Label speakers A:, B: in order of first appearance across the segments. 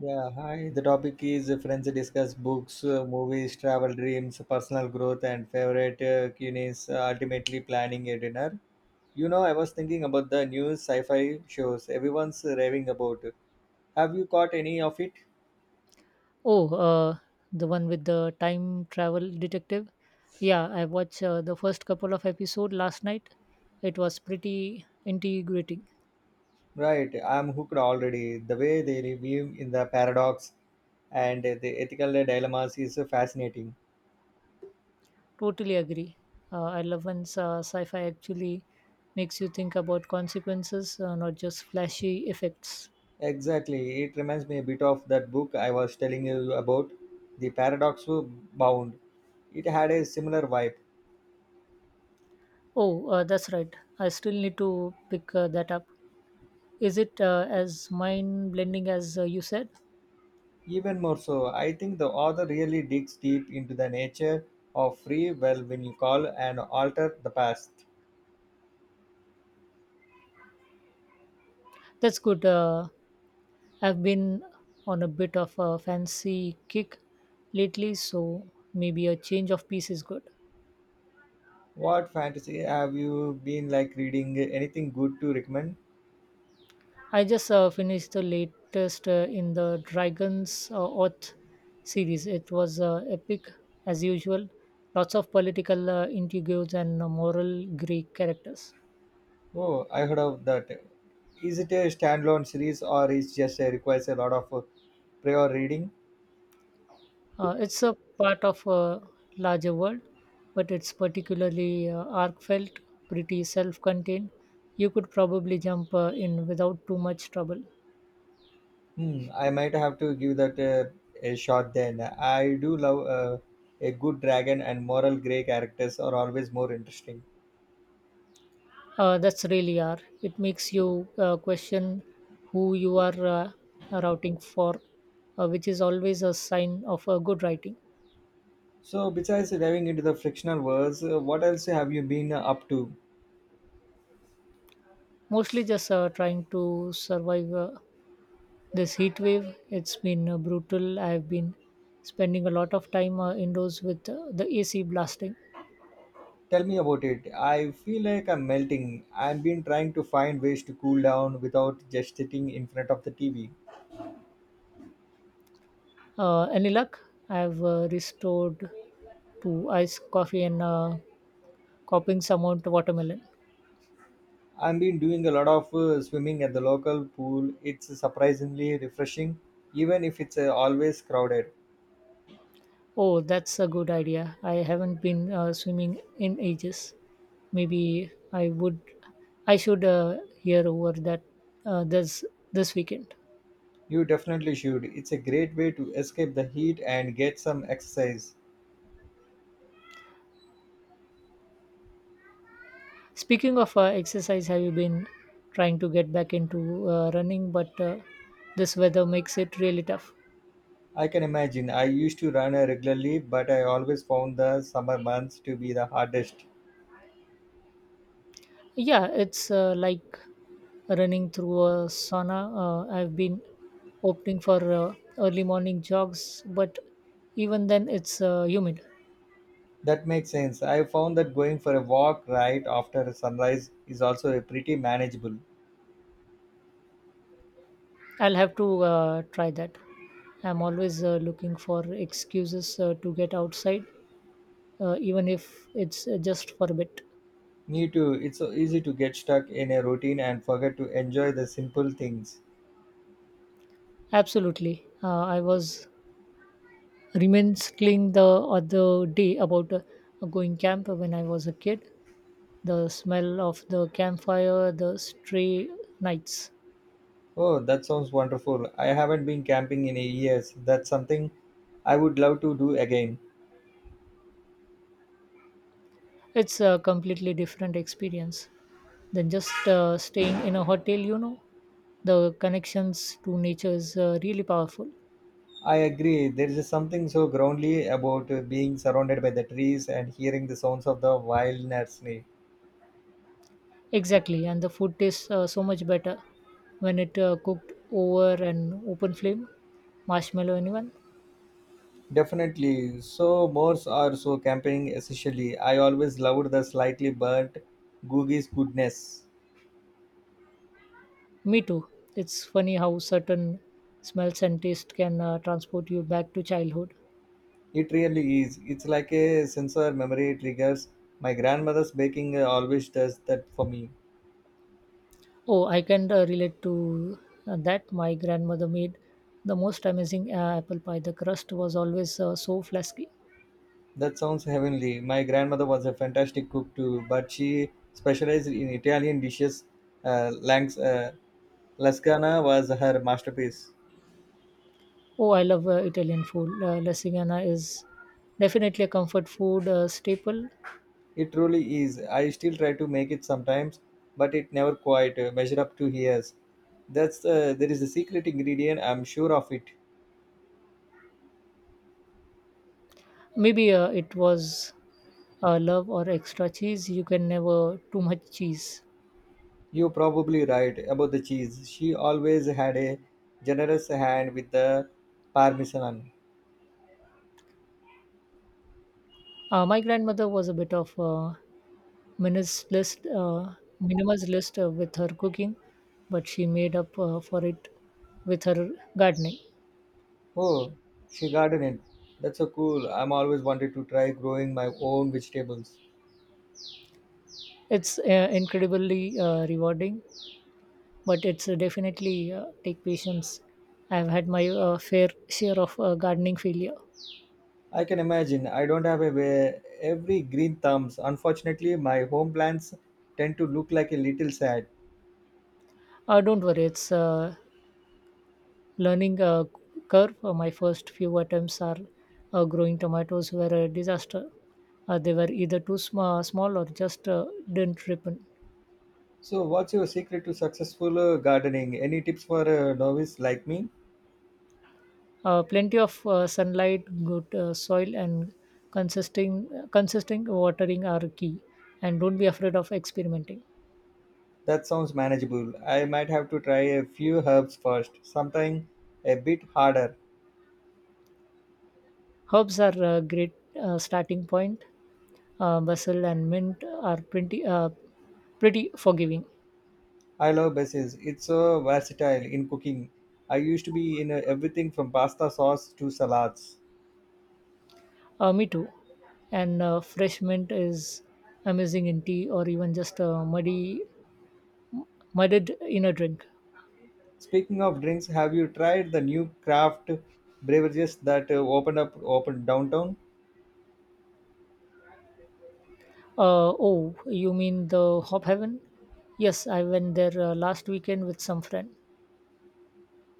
A: Yeah, hi. The topic is friends discuss books, movies, travel dreams, personal growth, and favorite cuisines. Ultimately, planning a dinner. You know, I was thinking about the new sci-fi shows everyone's raving about. Have you caught any of it?
B: Oh, uh, the one with the time travel detective. Yeah, I watched the first couple of episode last night. It was pretty integrating.
A: Right, I'm hooked already. The way they review in the paradox and the ethical dilemmas is fascinating.
B: Totally agree. I love when sci-fi actually makes you think about consequences, not just flashy effects.
A: Exactly. It reminds me a bit of that book I was telling you about, The Paradox Bound. It had a similar vibe.
B: Oh, that's right. I still need to pick that up. Is it as mind-blending as you said?
A: Even more so, I think the author really digs deep into the nature of free will when you call and alter the past.
B: That's good. I've been on a bit of a fancy kick lately, so maybe a change of pace is good.
A: What fantasy have you been like reading? Anything good to recommend?
B: I just finished the latest in the Dragons Oath series. It was epic as usual. Lots of political intrigues and moral Greek characters.
A: Oh, I heard of that. Is it a standalone series or is just requires a lot of prior reading?
B: It's a part of a larger world, but it's particularly arc felt, pretty self contained. You could probably jump in without too much trouble.
A: Hmm, I might have to give that a shot then. I do love a good dragon, and moral gray characters are always more interesting.
B: That's really R. It makes you question who you are routing for, which is always a sign of good writing.
A: So, besides diving into the frictional worlds, what else have you been up to?
B: Mostly just trying to survive this heat wave. It's been brutal. I've been spending a lot of time indoors with the AC blasting.
A: Tell me about it. I feel like I'm melting. I've been trying to find ways to cool down without just sitting in front of the TV.
B: Any luck? I've restored to iced coffee and copying some out watermelon.
A: I've been doing a lot of swimming at the local pool. It's surprisingly refreshing, even if it's always crowded.
B: Oh, that's a good idea. I haven't been swimming in ages. Maybe I would, I should hear over that uh, this this weekend.
A: You definitely should. It's a great way to escape the heat and get some exercise.
B: Speaking of exercise, have you been trying to get back into running? But this weather makes it really tough.
A: I can imagine. I used to run regularly, but I always found the summer months to be the hardest.
B: Yeah, it's like running through a sauna. I've been opting for early morning jogs, but even then it's humid.
A: That makes sense. I found that going for a walk right after sunrise is also a pretty manageable.
B: I'll have to try that. I'm always looking for excuses to get outside, even if it's just for a bit.
A: Me too. It's so easy to get stuck in a routine and forget to enjoy the simple things.
B: Absolutely. I was reminiscing the other day about going camp when I was a kid. The smell of the campfire, the stray nights.
A: Oh, that sounds wonderful. I haven't been camping in years. That's something I would love to do again.
B: It's a completely different experience than just staying in a hotel, you know. The connections to nature is really powerful.
A: I agree. There is something so groundly about being surrounded by the trees and hearing the sounds of the wilderness.
B: Exactly, and the food tastes so much better when it cooked over an open flame. Marshmallow, anyone?
A: Definitely. So moors are so camping essentially. I always loved the slightly burnt Googie's goodness.
B: Me too. It's funny how certain smells and taste can transport you back to childhood.
A: It really is. It's like a sensor memory triggers. My grandmother's baking always does that for me.
B: Oh, I can relate to that. My grandmother made the most amazing apple pie. The crust was always so flasky.
A: That sounds heavenly. My grandmother was a fantastic cook too, but she specialized in Italian dishes, uh, langs, uh, Lasagna was her masterpiece.
B: Oh, I love Italian food. Lasagna is definitely a comfort food staple.
A: It truly is. I still try to make it sometimes, but it never quite measure up to hers. That's there is a secret ingredient. I'm sure of it.
B: Maybe it was love or extra cheese. You can never too much cheese.
A: You're probably right about the cheese. She always had a generous hand with the parmesan.
B: My grandmother was a bit of a minimalist, uh, minimalist with her cooking, but she made up for it with her gardening.
A: Oh, she gardened. That's so cool. I'm always wanted to try growing my own vegetables.
B: It's incredibly rewarding, but it's definitely take patience. I've had my fair share of gardening failure.
A: I can imagine. I don't have a way, every green thumbs. Unfortunately, my home plants tend to look like a little sad.
B: Don't worry, it's a learning curve. My first few attempts are growing tomatoes were a disaster. They were either small or just didn't ripen.
A: So, what's your secret to successful gardening? Any tips for a novice like me?
B: Plenty of sunlight, good soil, and consisting consistent watering are key. And don't be afraid of experimenting.
A: That sounds manageable. I might have to try a few herbs first, sometime a bit harder.
B: Herbs are a great starting point. Basil and mint are pretty forgiving.
A: I love basil. It's so versatile in cooking. I used to be in everything from pasta sauce to salads.
B: Me too. And fresh mint is amazing in tea or even just mudded in a drink.
A: Speaking of drinks, have you tried the new craft beverages that opened downtown?
B: Oh, you mean the Hop Heaven? Yes, I went there last weekend with some friend.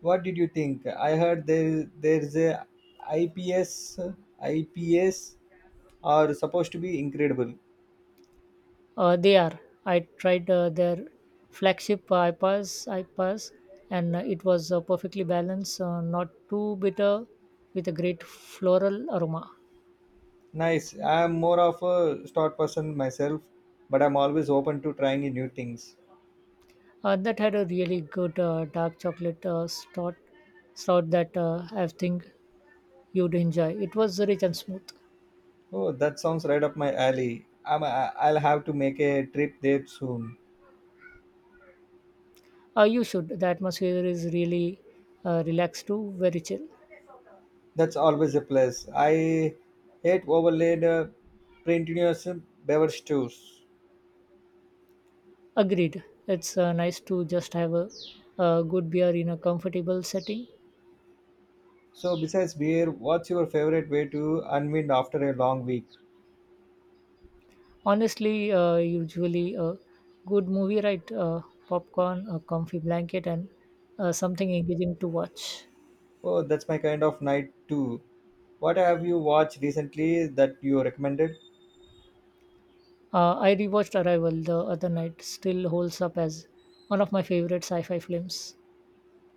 A: What did you think? I heard there's a IPS IPS, are supposed to be incredible.
B: They are. I tried their flagship IPAs, and it was perfectly balanced, not too bitter, with a great floral aroma.
A: Nice. I'm more of a stout person myself, but I'm always open to trying new things.
B: That had a really good dark chocolate stout that I think you'd enjoy. It was rich and smooth.
A: Oh, that sounds right up my alley. I'll have to make a trip there soon.
B: You should. The atmosphere is really relaxed too, very chill.
A: That's always a plus. I hate overlaid printous beverage tours.
B: Agreed. It's nice to just have a good beer in a comfortable setting.
A: So, besides beer, what's your favorite way to unwind after a long week?
B: Honestly, usually a good movie, right? Popcorn, a comfy blanket, and something engaging to watch.
A: Oh, that's my kind of night too. What have you watched recently that you recommended?
B: I rewatched Arrival the other night. Still holds up as one of my favorite sci-fi films.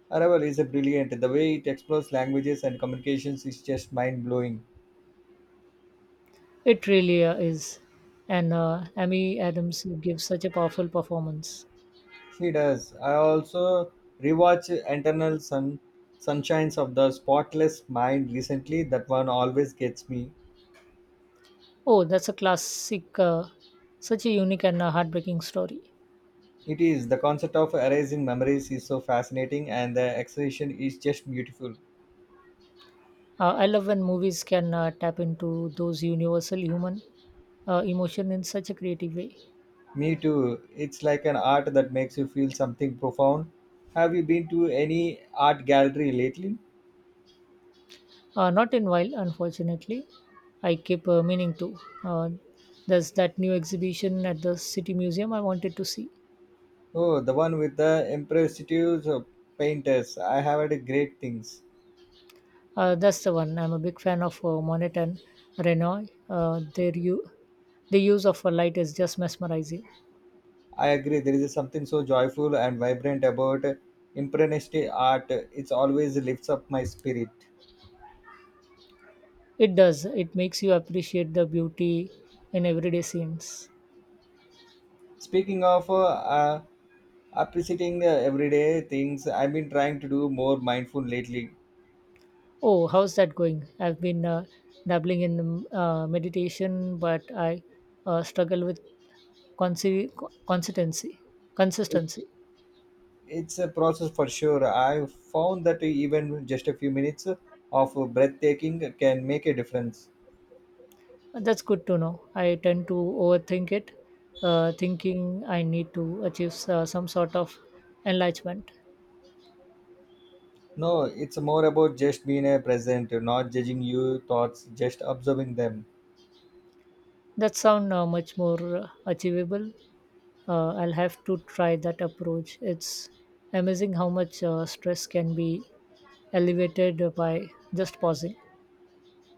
A: Arrival is a brilliant. The way it explores languages and communications is just mind blowing.
B: It really is. And Amy Adams gives such a powerful performance.
A: She does. I also rewatch Sunshines of the Spotless Mind recently. That one always gets me.
B: Oh, that's a classic, such a unique and heartbreaking story.
A: It is. The concept of erasing memories is so fascinating, and the exhibition is just beautiful.
B: I love when movies can tap into those universal human emotion in such a creative way.
A: Me too. It's like an art that makes you feel something profound. Have you been to any art gallery lately?
B: Not in while, unfortunately. I keep meaning to. Uh, there's that new exhibition at the City Museum I wanted to see.
A: Oh, the one with the impressive painters. I have heard great things.
B: That's the one. I'm a big fan of Monet and Renoir. Their the use of a light is just mesmerizing.
A: I agree. There is something so joyful and vibrant about impressionist art. It always lifts up my spirit.
B: It does. It makes you appreciate the beauty in everyday scenes.
A: Speaking of uh, appreciating everyday things, I've been trying to do more mindful lately.
B: Oh, how's that going? I've been dabbling in meditation, but I struggle with consi- consistency.
A: It,
B: Consistency.
A: it's a process for sure. I found that even just a few minutes of breathtaking can make a difference.
B: That's good to know. I tend to overthink it, thinking I need to achieve some sort of enlightenment.
A: No, it's more about just being a present, not judging your thoughts, just observing them.
B: That sounds much more achievable. I'll have to try that approach. It's amazing how much stress can be alleviated by just pausing.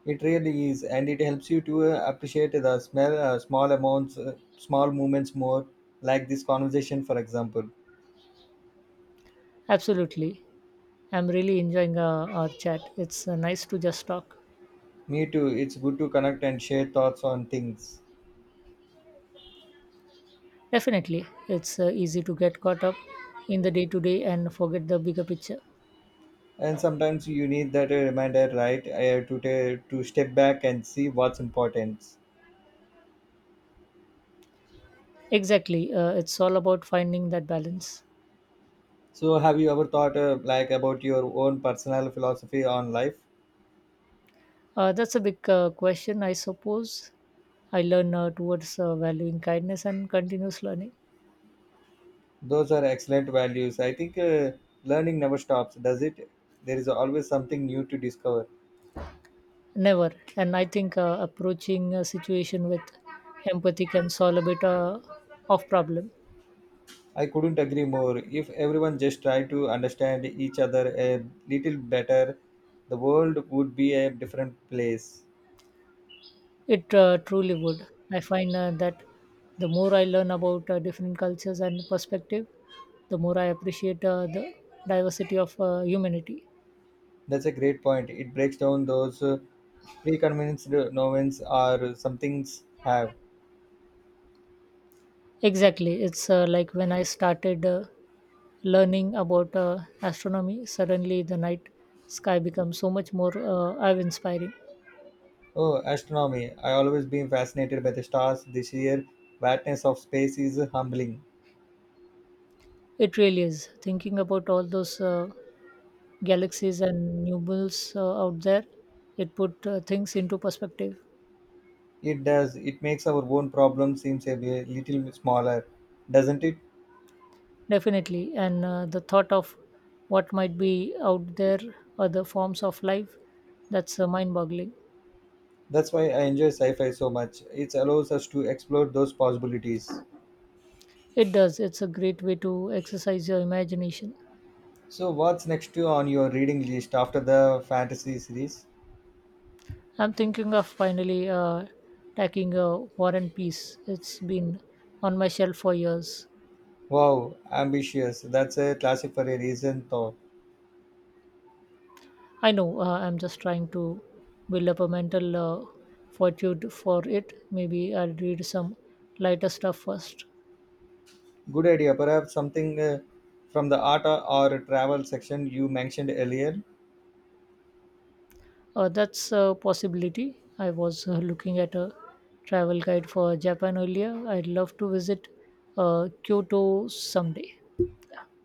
A: It really is, and it helps you to appreciate the small amounts, small moments more, like this conversation, for example.
B: Absolutely. I'm really enjoying our chat. It's nice to just talk.
A: Me too. It's good to connect and share thoughts on things.
B: Definitely. It's easy to get caught up in the day to day and forget the bigger picture.
A: And sometimes you need that reminder, right? I have to to step back and see what's important.
B: Exactly. It's all about finding that balance.
A: So, have you ever thought like about your own personal philosophy on life?
B: That's a big question, I suppose. I learn towards valuing kindness and continuous learning.
A: Those are excellent values. I think learning never stops, does it? There is always something new to discover.
B: Never. And I think approaching a situation with empathy can solve a bit of problem.
A: I couldn't agree more. If everyone just tried to understand each other a little better, the world would be a different place.
B: It truly would. I find that the more I learn about different cultures and perspective, the more I appreciate the diversity of humanity.
A: That's a great point. It breaks down those preconceived notions or some things have.
B: Exactly. It's like when I started learning about astronomy, suddenly the night sky becomes so much more awe inspiring.
A: Oh, astronomy. I always been fascinated by the stars. The sheer vastness of space is humbling.
B: It really is. Thinking about all those galaxies and nubbles out there it put things into perspective.
A: It does. It makes our own problem seems little smaller, doesn't it?
B: Definitely, and the thought of what might be out there, other forms of life, that's mind boggling.
A: That's why I enjoy sci-fi so much. It allows us to explore those possibilities.
B: It does. It's a great way to exercise your imagination.
A: So, what's next to on your reading list after the fantasy series?
B: I'm thinking of finally tackling a war and peace. It's been on my shelf for years.
A: Wow, ambitious. That's a classic for a reason, though.
B: I know. I'm just trying to build up a mental fortitude for it. Maybe I'll read some lighter stuff first.
A: Good idea. Perhaps something from the art or travel section you mentioned earlier.
B: That's a possibility. I was looking at a travel guide for Japan earlier. I'd love to visit Kyoto someday.